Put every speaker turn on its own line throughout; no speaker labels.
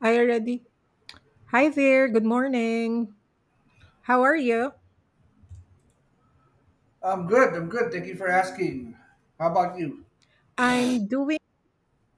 I already. Hi there. Good morning. How are you?
I'm good. I'm good. Thank you for asking. How about you?
I'm doing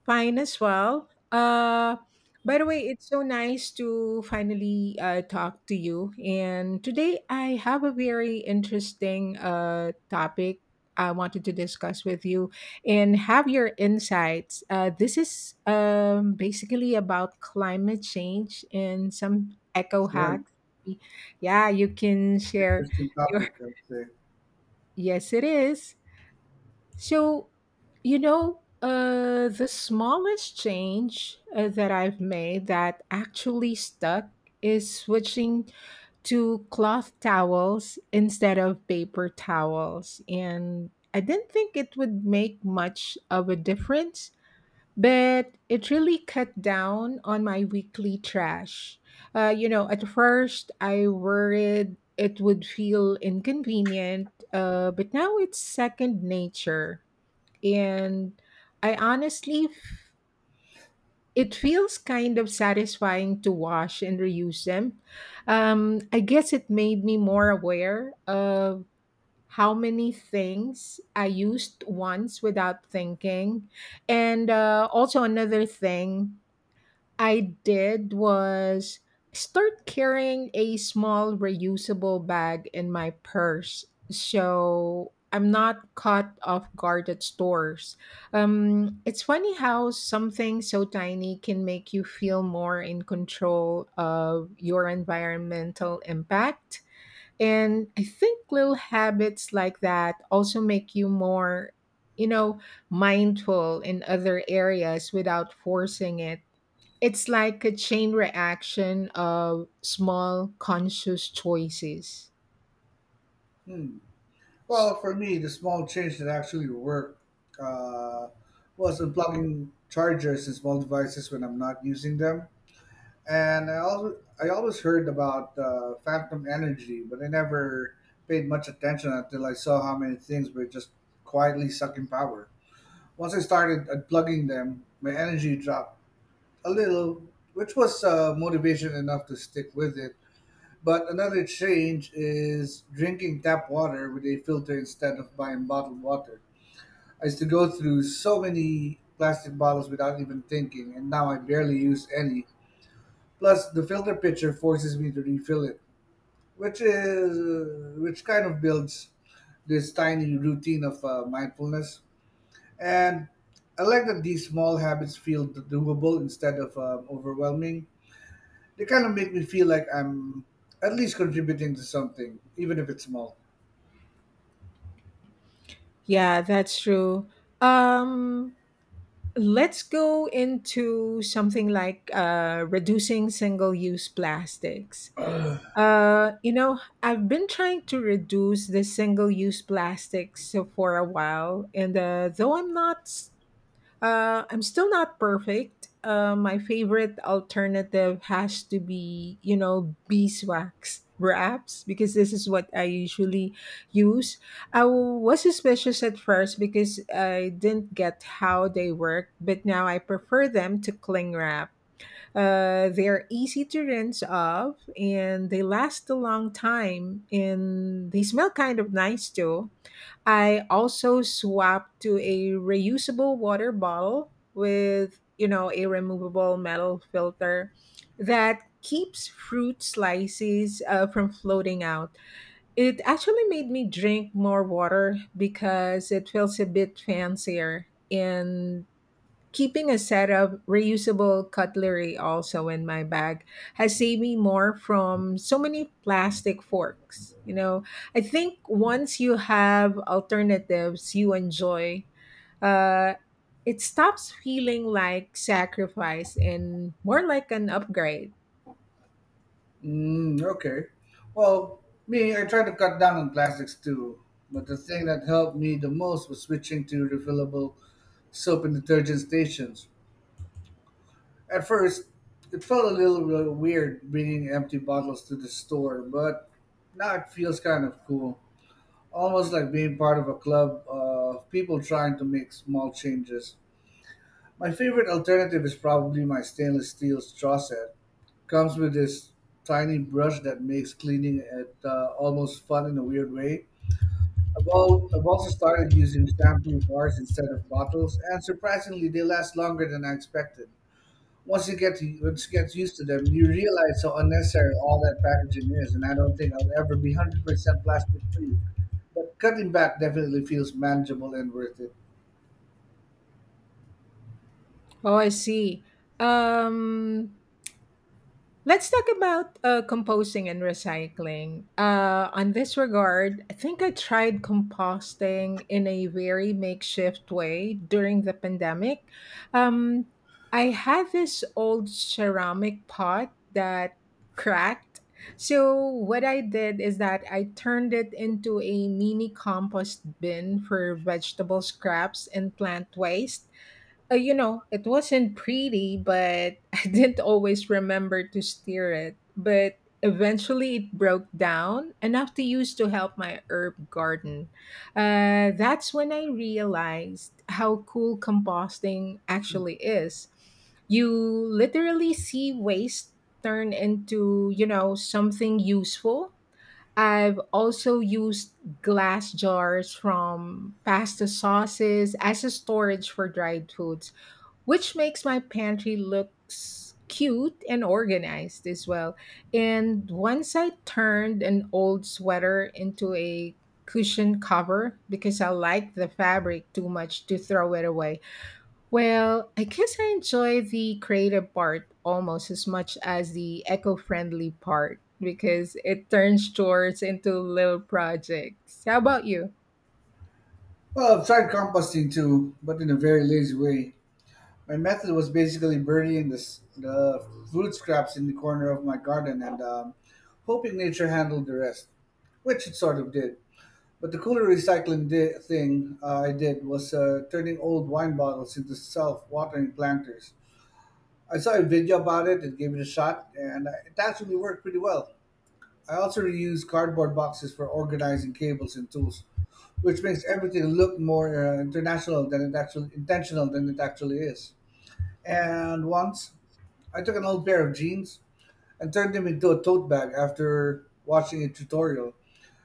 fine as well. By the way, it's so nice to finally talk to you. And today I have a very interesting topic I wanted to discuss with you and have your insights. This is basically about climate change and some eco
Sure.
hacks. Yeah, you can
It's an
share
interesting
your.
topic, I'd say.
Yes, it is. So, the smallest change that I've made that actually stuck is switching to cloth towels instead of paper towels. And I didn't think it would make much of a difference, but it really cut down on my weekly trash. At first I worried it would feel inconvenient, but now it's second nature and I it feels kind of satisfying to wash and reuse them. I guess it made me more aware of how many things I used once without thinking. And also, another thing I did was start carrying a small reusable bag in my purse so I'm not caught off guard at stores. It's funny how something so tiny can make you feel more in control of your environmental impact. And I think little habits like that also make you more, you know, mindful in other areas without forcing it. It's like a chain reaction of small conscious choices.
Hmm. Well, for me, the small change that actually worked uh, was unplugging chargers in small devices when I'm not using them. And I always heard about phantom energy, but I never paid much attention until I saw how many things were just quietly sucking power. Once I started unplugging them, my energy dropped a little, which was motivation enough to stick with it. But another change is drinking tap water with a filter instead of buying bottled water. I used to go through so many plastic bottles without even thinking, and now I barely use any. Plus, the filter pitcher forces me to refill it, which kind of builds this tiny routine of mindfulness. And I like that these small habits feel doable instead of overwhelming. They kind of make me feel like I'm at least contributing to something, even if it's small.
Yeah, that's true. Um, let's go into something like reducing single use plastics. I've been trying to reduce the single use plastics so for a while, and though I'm not s- I'm still not perfect. My favorite alternative has to be, beeswax wraps because this is what I usually use. I was suspicious at first because I didn't get how they work, but now I prefer them to cling wrap. They're easy to rinse off and they last a long time and they smell kind of nice too. I also swapped to a reusable water bottle with, a removable metal filter that keeps fruit slices from floating out. It actually made me drink more water because it feels a bit fancier and Keeping a set of reusable cutlery also in my bag has saved me more from so many plastic forks. You know, I think once you have alternatives you enjoy, uh, it stops feeling like sacrifice and more like an upgrade.
Mm, okay. Well, me, I try to cut down on plastics too, but the thing that helped me the most was switching to refillable soap and detergent stations. At first, it felt a little weird bringing empty bottles to the store, but now it feels kind of cool. Almost like being part of a club of people trying to make small changes. My favorite alternative is probably my stainless steel straw set. Comes with this tiny brush that makes cleaning it almost fun in a weird way. I've also started using shampoo bars instead of bottles, and surprisingly, they last longer than I expected. Once you get used to them, you realize how unnecessary all that packaging is, and I don't think I'll ever be 100% plastic free. But cutting back definitely feels manageable and worth it.
Oh, I see. Um, Let's talk about composting and recycling. On this regard, I think I tried composting in a very makeshift way during the pandemic. Um, I had this old ceramic pot that cracked. So, what I did is that I turned it into a mini compost bin for vegetable scraps and plant waste. It wasn't pretty, but I didn't always remember to steer it. But eventually it broke down, enough to use to help my herb garden. That's when I realized how cool composting actually is. You literally see waste turn into, something useful. I've also used glass jars from pasta sauces as a storage for dried foods which makes my pantry looks cute and organized as well. And once I turned an old sweater into a cushion cover because I liked the fabric too much to throw it away. Well, I guess I enjoy the creative part almost as much as the eco-friendly part because it turns chores into little projects. How about you?
Well, I've tried composting too, but in a very lazy way. My method was basically burying the food scraps in the corner of my garden and hoping nature handled the rest, which it sort of did. But the cooler thing I did was turning old wine bottles into self watering planters. I saw a video about it and gave it a shot, and it actually worked pretty well. I also reused cardboard boxes for organizing cables and tools, which makes everything look more international than it actually intentional than it actually is. And once I took an old pair of jeans and turned them into a tote bag after watching a tutorial.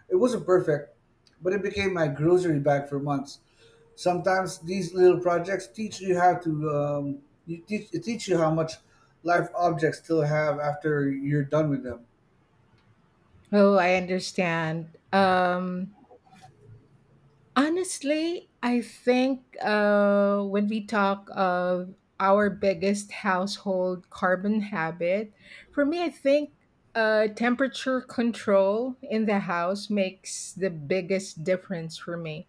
It wasn't perfect, but it became my grocery bag for months. Sometimes these little projects teach you how to you teach it teach you how much life objects still have after you're done with them.
Oh, I understand. Um, honestly, I think when we talk of our biggest household carbon habit, for me, I think temperature control in the house makes the biggest difference for me.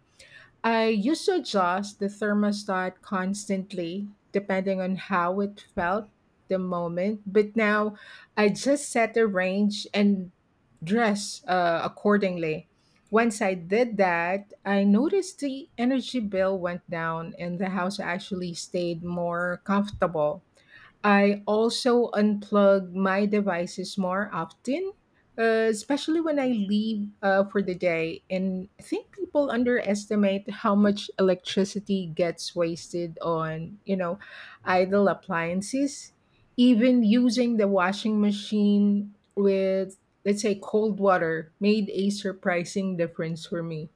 I used to adjust the thermostat constantly depending on how it felt the moment, but now I just set a range and dress accordingly. Once I did that, I noticed the energy bill went down and the house actually stayed more comfortable. I also unplug my devices more often, especially when I leave for the day. And I think people underestimate how much electricity gets wasted on, idle appliances. Even using the washing machine with, let's say, cold water made a surprising difference for me.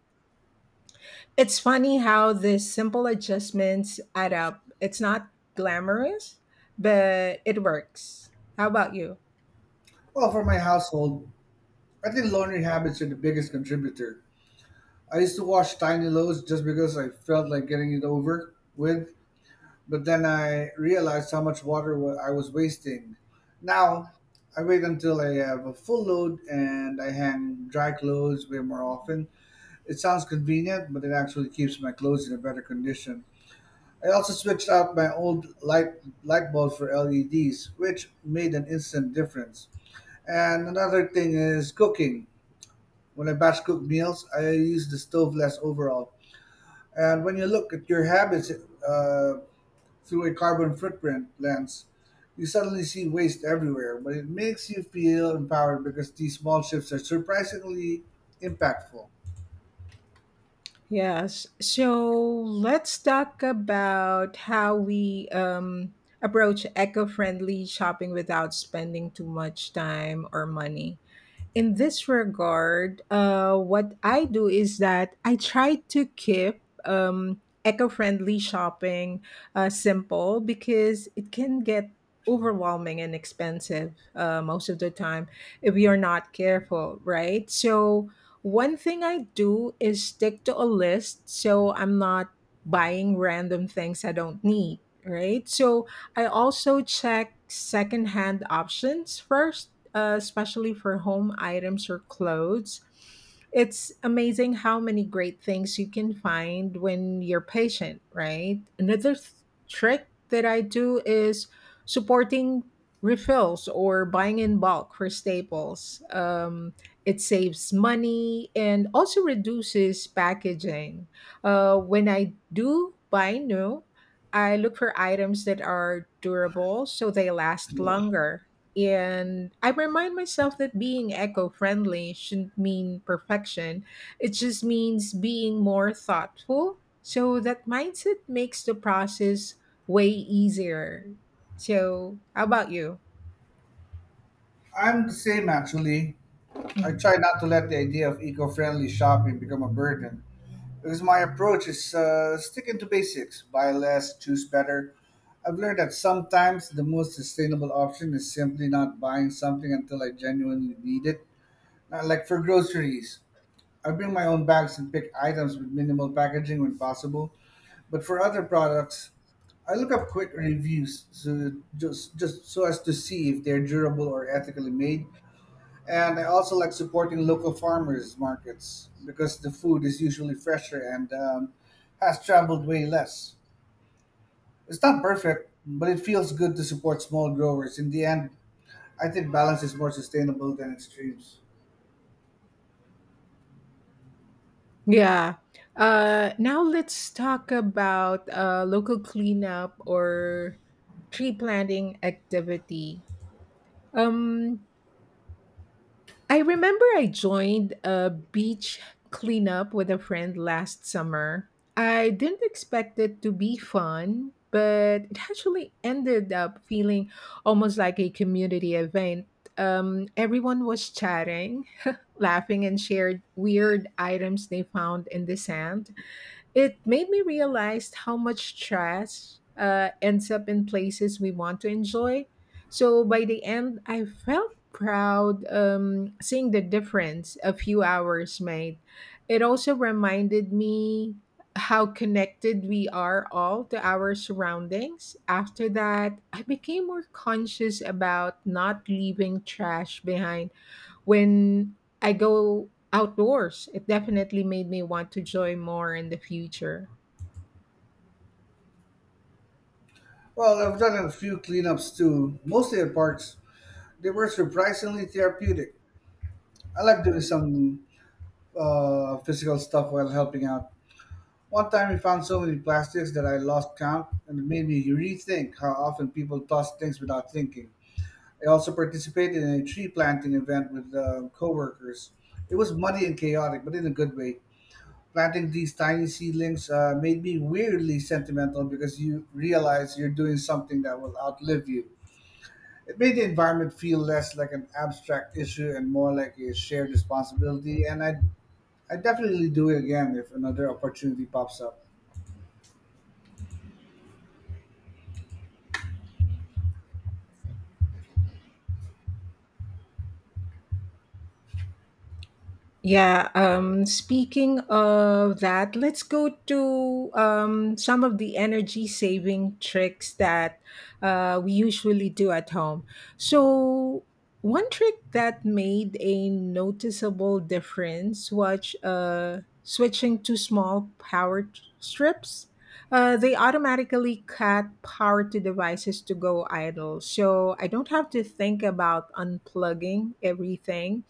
It's funny how these simple adjustments add up. It's not glamorous, but it works. How about you?
Well, for my household, I think laundry habits are the biggest contributor. I used to wash tiny loads just because I felt like getting it over with. But then I realized how much I was wasting. Now, I wait until I have a full load and I hang dry clothes way more often. It sounds convenient, but it actually keeps my clothes in a better condition. I also switched out my old light bulb for LEDs, which made an instant difference. And another thing is cooking. When I batch cook meals, I use the stove less overall. And when you look at your habits, through a carbon footprint lens, you suddenly see waste everywhere, but it makes you feel empowered because these small shifts are surprisingly impactful.
Yes. So let's talk about how we approach eco friendly shopping without spending too much time or money. In this regard, what I do is that I try to keep eco friendly shopping simple because it can get overwhelming and expensive most of the time if you're not careful, right? So, one thing I do is stick to a list so I'm not buying random things I don't need, right? So, I also check secondhand options first especially for home items or clothes. It's amazing how many great things you can find when you're patient, right? Trick that I do is supporting refills or buying in bulk for staples. It saves money and also reduces packaging. When I do buy new, I look for items that are durable so they last longer. And I remind myself that being eco friendly shouldn't mean perfection. It just means being more thoughtful. So that mindset makes the process way easier. So, how about you?
I'm the same actually. I
Mhm.
try not to let the idea of eco friendly shopping become a burden because my approach is sticking to basics buy less, choose better. I've learned that sometimes the most sustainable option is simply not buying something until I genuinely need it. Like for groceries, I bring my own bags and pick items with minimal packaging when possible. But for other products, I look up quick reviews so just so as to see if they're durable or ethically made. And I also like supporting local farmers markets because the food is usually fresher and has traveled way less. It's not perfect, but it feels good to support small growers. In the end, I think balance is more sustainable than extremes.
Yeah. Now let's talk about local cleanup or tree planting activity. Um, I remember I joined a beach cleanup with a friend last summer. I didn't expect it to be fun, but it actually ended up feeling almost like a community event. Everyone was chatting, laughing, and shared weird items they found in the sand. It made me realize how much trash ends up in places we want to enjoy. So by the end, I felt proud seeing the difference a few hours made. It also reminded me how connected we are all to our surroundings. After that, I became more conscious about not leaving trash behind when I go outdoors. It definitely made me want to joy more in the future.
Well, I've done a few cleanups too, mostly at parks. They were surprisingly therapeutic. I like doing some physical stuff while helping out. One time we found so many plastics that I lost count and it made me rethink how often people toss things without thinking. I also participated in a tree planting event with coworkers. It was muddy and chaotic, but in a good way. Planting these tiny seedlings made me weirdly sentimental because you realize you're doing something that will outlive you. It made the environment feel less like an abstract issue and more like a shared responsibility. And I definitely do it again if another opportunity pops up.
Yeah, speaking of that, let's go to some of the energy saving tricks that we usually do at home. So, one trick that made a noticeable difference was switching to small power strips. They automatically cut power to devices to go idle. So I don't have to think about unplugging everything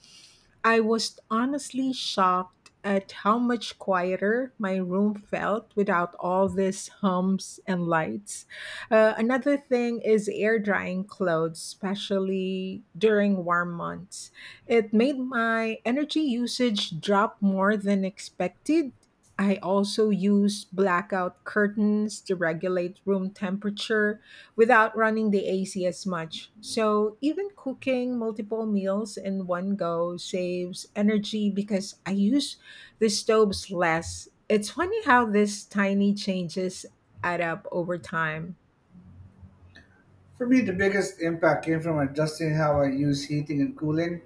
I was honestly shocked at how much quieter my room felt without all these hums and lights. Another thing is air drying clothes, especially during warm months. It made my energy usage drop more than expected. I also use blackout curtains to regulate room temperature without running the AC as much. So even cooking multiple meals in one go saves energy because I use the stoves less. It's funny how this tiny changes add up over time.
For me, the biggest impact came from adjusting how I use heating and cooling.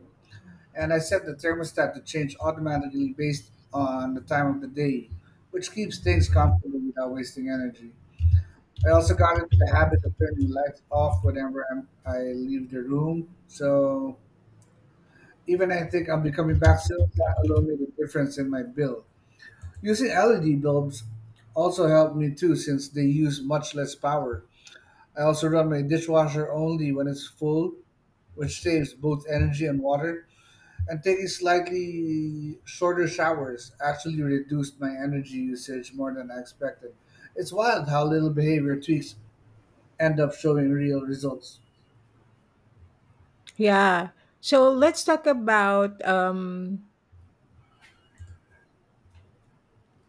And I set the thermostat to change automatically based on the time of the day, which keeps things comfortable without wasting energy. I also got into the habit of turning the lights off whenever I leave the room. So even I think I'll be coming back soon. That alone made a difference in my bill. Using LED bulbs also helped me too, since they use much less power. I also run my dishwasher only when it's full, which saves both energy and water. And taking slightly shorter showers actually reduced my energy usage more than I expected. It's wild how little behavior tweaks end up showing real results.
Yeah. So let's talk about um,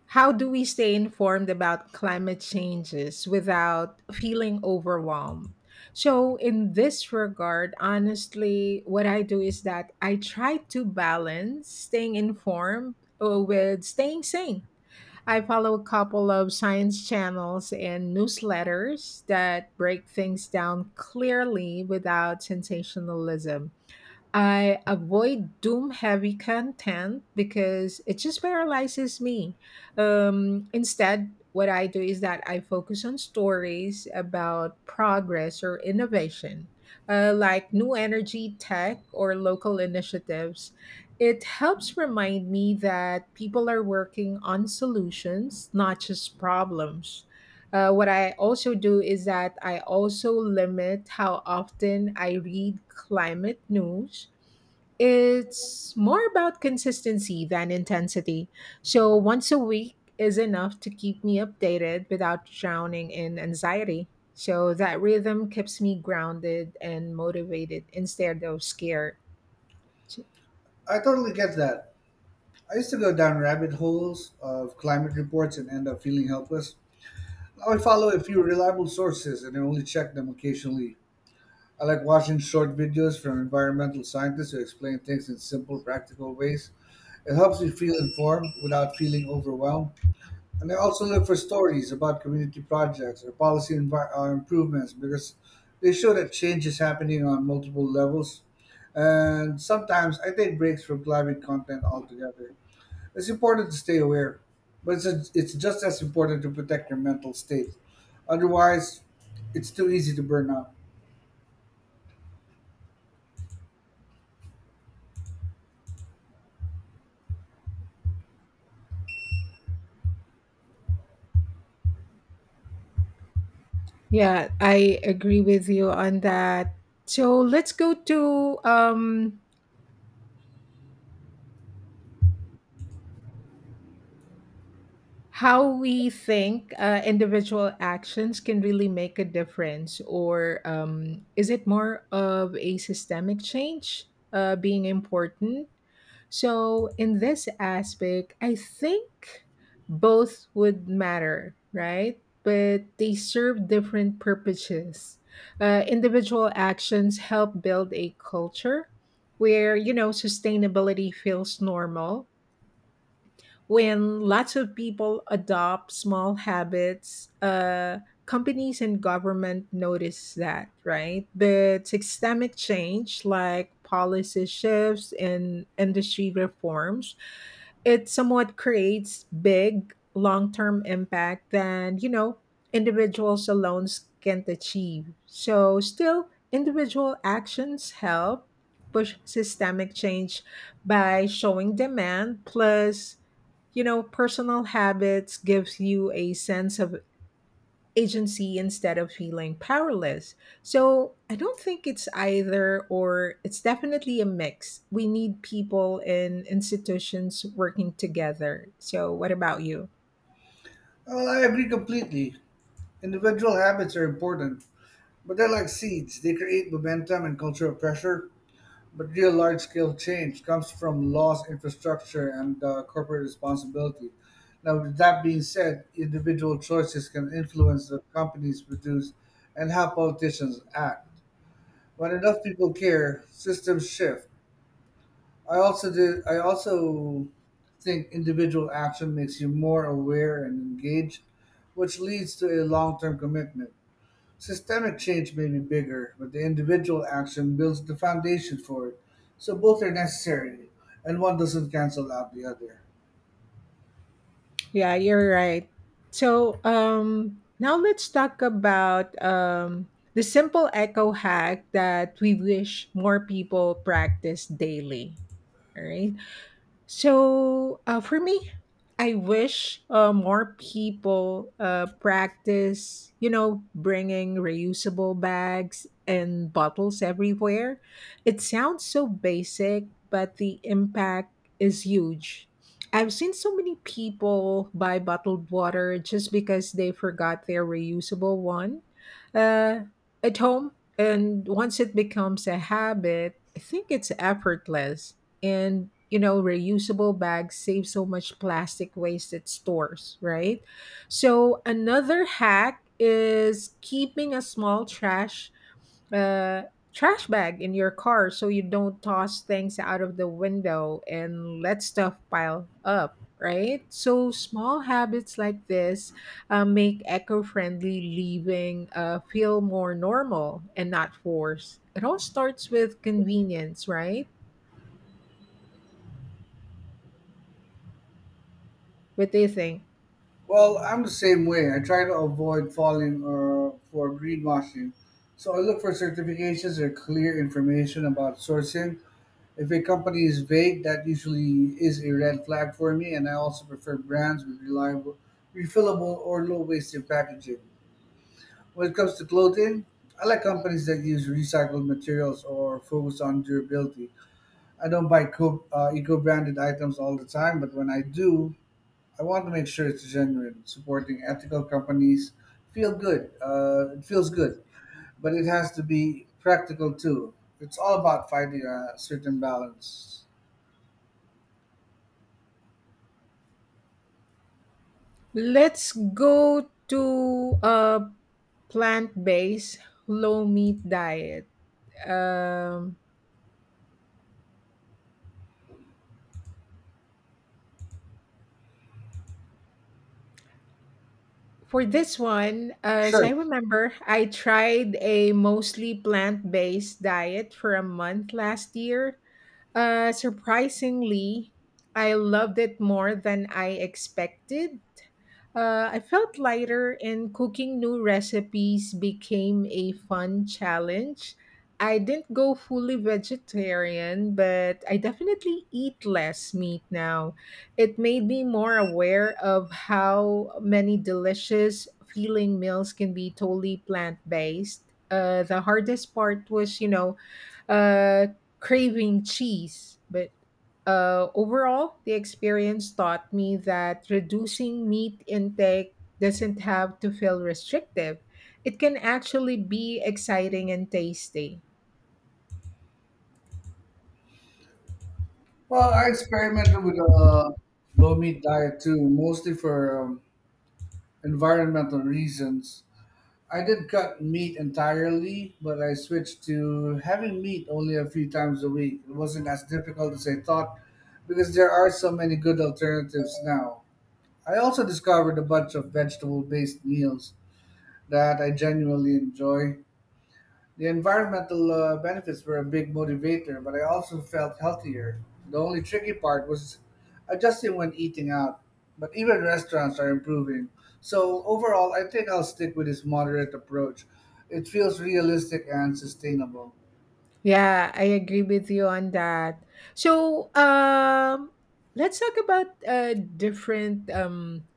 how do we stay informed about climate changes without feeling overwhelmed? So, in this regard, honestly, what I do is that I try to balance staying informed with staying sane. I follow a couple of science channels and newsletters that break things down clearly without sensationalism. I avoid doom heavy content because it just paralyzes me. Instead, what I do is that I focus on stories about progress or innovation, like new energy, tech, or local initiatives. It helps remind me that people are working on solutions, not just problems. What I also do is that I also limit how often I read climate news. It's more about consistency than intensity. So once a week is enough to keep me updated without drowning in anxiety. So that rhythm keeps me grounded and motivated instead of scared.
I totally get that. I used to go down rabbit holes of climate reports and end up feeling helpless. Now I follow a few reliable sources and I only check them occasionally. I like watching short videos from environmental scientists who explain things in simple, practical ways. It helps me feel informed without feeling overwhelmed. And I also look for stories about community projects or improvements because they show that change is happening on multiple levels. And sometimes I take breaks from climate content altogether. It's important to stay aware, but it's just as important to protect your mental state. Otherwise, it's too easy to burn out.
Yeah, I agree with you on that. So let's go to um, how we think individual actions can really make a difference, or is it more of a systemic change being important? So, in this aspect, I think both would matter, right? But they serve different purposes. Individual actions help build a culture where, sustainability feels normal when lots of people adopt small habits, companies and government notice that, right? But systemic change, like policy shifts and industry reforms, it somewhat creates big long-term impact than, you know, individuals alone can't achieve, so still individual actions help push systemic change by showing demand, plus, you know, personal habits gives you a sense of agency instead of feeling powerless. So, I don't think it's either or, it's definitely a mix. We need people and institutions working together. So, what about you?
Well, I agree completely. Individual habits are important, but they're like seeds. They create momentum and cultural pressure, but real large scale change comes from laws, infrastructure, and corporate responsibility. Now, with that being said, individual choices can influence the companies produce and how politicians act. When enough people care, systems shift. I also do. I also think individual action makes you more aware and engaged, which leads to a long-term commitment. Systemic change may be bigger, but the individual action builds the foundation for it. So both are necessary, and one doesn't cancel out the other.
Yeah, you're right. So, now let's talk about the simple echo hack that we wish more people practice daily. All right. So for me, I wish more people practice, bringing reusable bags and bottles everywhere. It sounds so basic, but the impact is huge. I've seen so many people buy bottled water just because they forgot their reusable one uh, at home. And once it becomes a habit, I think it's effortless, and you know, reusable bags save so much plastic waste at stores, right? So another hack is keeping a small uh, trash bag in your car, so you don't toss things out of the window and let stuff pile up, right? So small habits like this make eco-friendly living feel more normal and not forced. It all starts with convenience, right? What do you think?
Well, I'm the same way. I try to avoid falling or for greenwashing, so I look for certifications or clear information about sourcing. If a company is vague, that usually is a red flag for me, and I also prefer brands with reliable, refillable, or low wasted packaging. When it comes to clothing, I like companies that use recycled materials or focus on durability. I don't buy eco-branded items all the time, but when I do, I want to make sure it's genuine. Supporting ethical companies feel good. It feels good, but it has to be practical too. It's all about finding a certain balance.
Let's go to a plant-based low meat diet. Um, for this one, as I
Sure.
remember, I tried a mostly plant-based diet for a month last year. Surprisingly, I loved it more than I expected. I felt lighter, and cooking new recipes became a fun challenge. I didn't go fully vegetarian, but I definitely eat less meat now. It made me more aware of how many delicious feeling meals can be totally plant based. The hardest part was, you know, uh, craving cheese. But overall, the experience taught me that reducing meat intake doesn't have to feel restrictive. It can actually be exciting and tasty.
Well, I experimented with a low meat diet too, mostly for environmental reasons. I did cut meat entirely, but I switched to having meat only a few times a week. It wasn't as difficult as I thought because there are so many good alternatives now. I also discovered a bunch of vegetable based meals that I genuinely enjoy. The environmental benefits were a big motivator, but I also felt healthier. The only tricky part was adjusting when eating out, but even restaurants are improving. So overall, I think I'll stick with this moderate approach. It feels realistic and sustainable.
Yeah, I agree with you on that. So, let's talk about different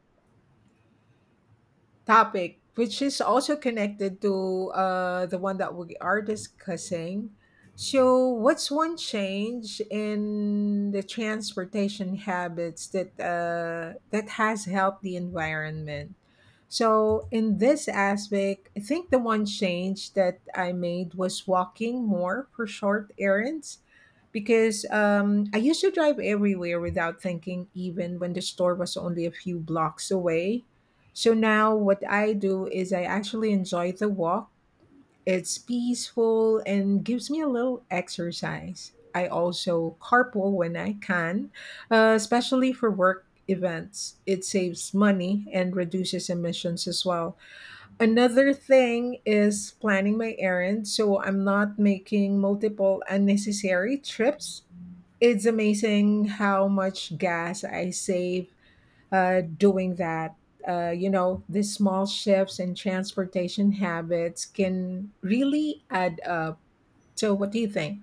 topic, which is also connected to the one that we are discussing. So, what's one change in the transportation habits that that has helped the environment? So, in this aspect, I think the one change that I made was walking more for short errands, because I used to drive everywhere without thinking, even when the store was only a few blocks away. So now what I do is I actually enjoy the walk. It's peaceful and gives me a little exercise. I also carpool when I can, especially for work events. It saves money and reduces emissions as well. Another thing is planning my errands so I'm not making multiple unnecessary trips. It's amazing how much gas I save doing that. You know, these small shifts in transportation habits can really add up. So, what do you think?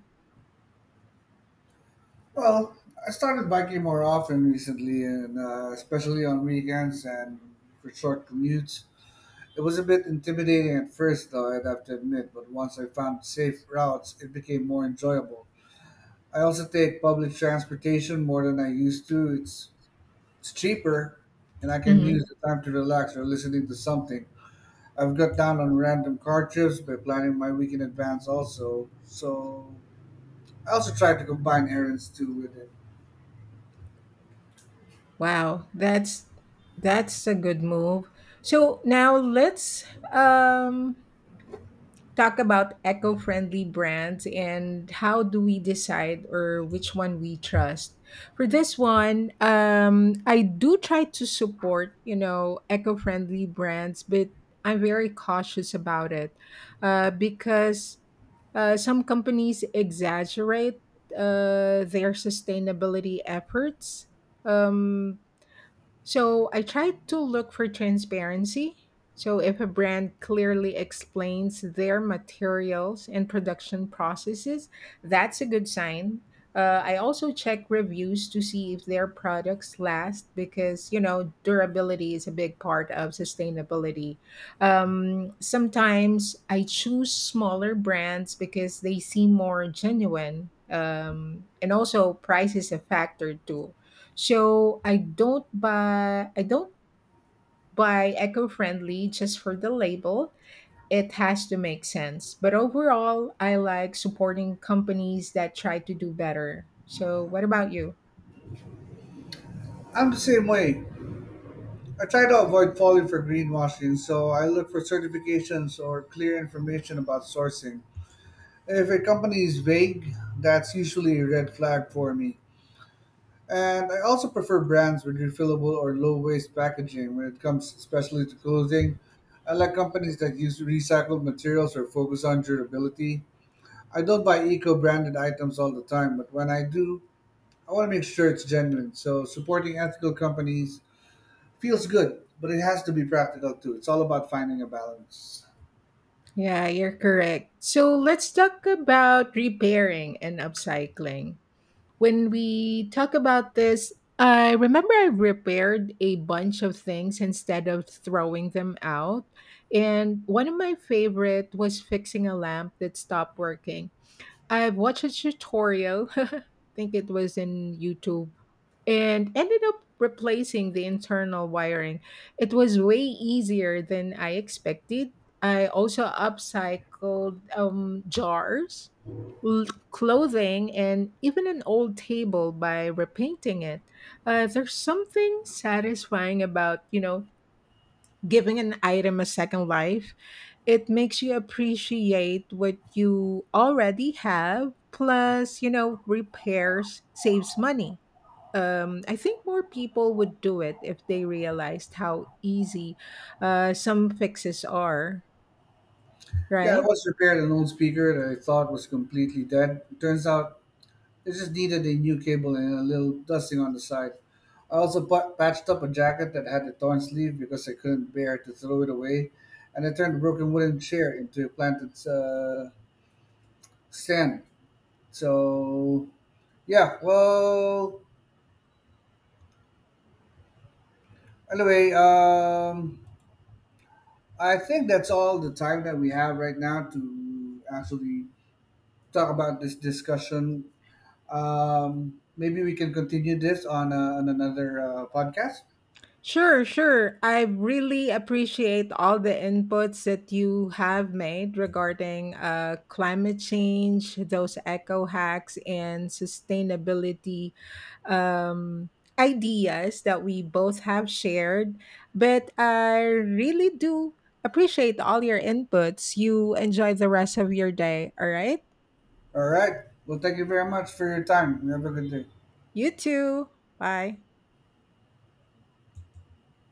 Well, I started biking more often recently, and especially on weekends and for short commutes. It was a bit intimidating at first, though, I'd have to admit, but once I found safe routes, it became more enjoyable. I also take public transportation more than I used to. It's cheaper, and I can use
Hmm.
the time to relax or listening to something. I've got down on random car trips by planning my week in advance. Also, so I also try to combine errands too with it.
Wow, that's a good move. So now let's um, talk about eco-friendly brands and how do we decide or which one we trust. For this one, um, I do try to support, you know, eco-friendly brands, but I'm very cautious about it, because some companies exaggerate their sustainability efforts. Um, so I try to look for transparency. So if a brand clearly explains their materials and production processes, that's a good sign. I also check reviews to see if their products last, because, you know, durability is a big part of sustainability. Sometimes I choose smaller brands because they seem more genuine. And also, price is a factor too, so I don't buy eco-friendly just for the label. It has to make sense. But overall, I like supporting companies that try to do better. So what about you?
I'm the same way. I try to avoid falling for greenwashing, so I look for certifications or clear information about sourcing. If a company is vague, that's usually a red flag for me. And I also prefer brands with refillable or low waste packaging when it comes especially to clothing. I like companies that use recycled materials or focus on durability. I don't buy eco branded items all the time, but when I do, I want to make sure it's genuine. So supporting ethical companies feels good, but it has to be practical too. It's all about finding a balance.
Yeah, you're correct. So let's talk about repairing and upcycling. When we talk about this, I remember I repaired a bunch of things instead of throwing them out. And one of my favorite was fixing a lamp that stopped working. I've watched a tutorial, I think it was in YouTube, and ended up replacing the internal wiring. It was way easier than I expected. I also upcycled jars, l- clothing, and even an old table by repainting it. There's something satisfying about, you know, giving an item a second life. It makes you appreciate what you already have. Plus, you know, repairs saves money. Um, I think more people would do it if they realized how easy some fixes are,
Yeah, I
right?
once repaired an old speaker that I thought was completely dead. Turns out it just needed a new cable and a little dusting on the side. I also patched up a jacket that had a torn sleeve because I couldn't bear to throw it away, and I turned a broken wooden chair into a planted stand. So, yeah, well, anyway, I think that's all the time that we have right now to actually talk about this discussion. Maybe we can continue this on another podcast.
Sure, sure. I really appreciate all the inputs that you have made regarding climate change, those eco hacks, and sustainability um, ideas that we both have shared. But I really do appreciate all your inputs. You enjoy the rest of your day, all right?
All right. Well, thank you very much for your time. You have a good day.
You too. Bye.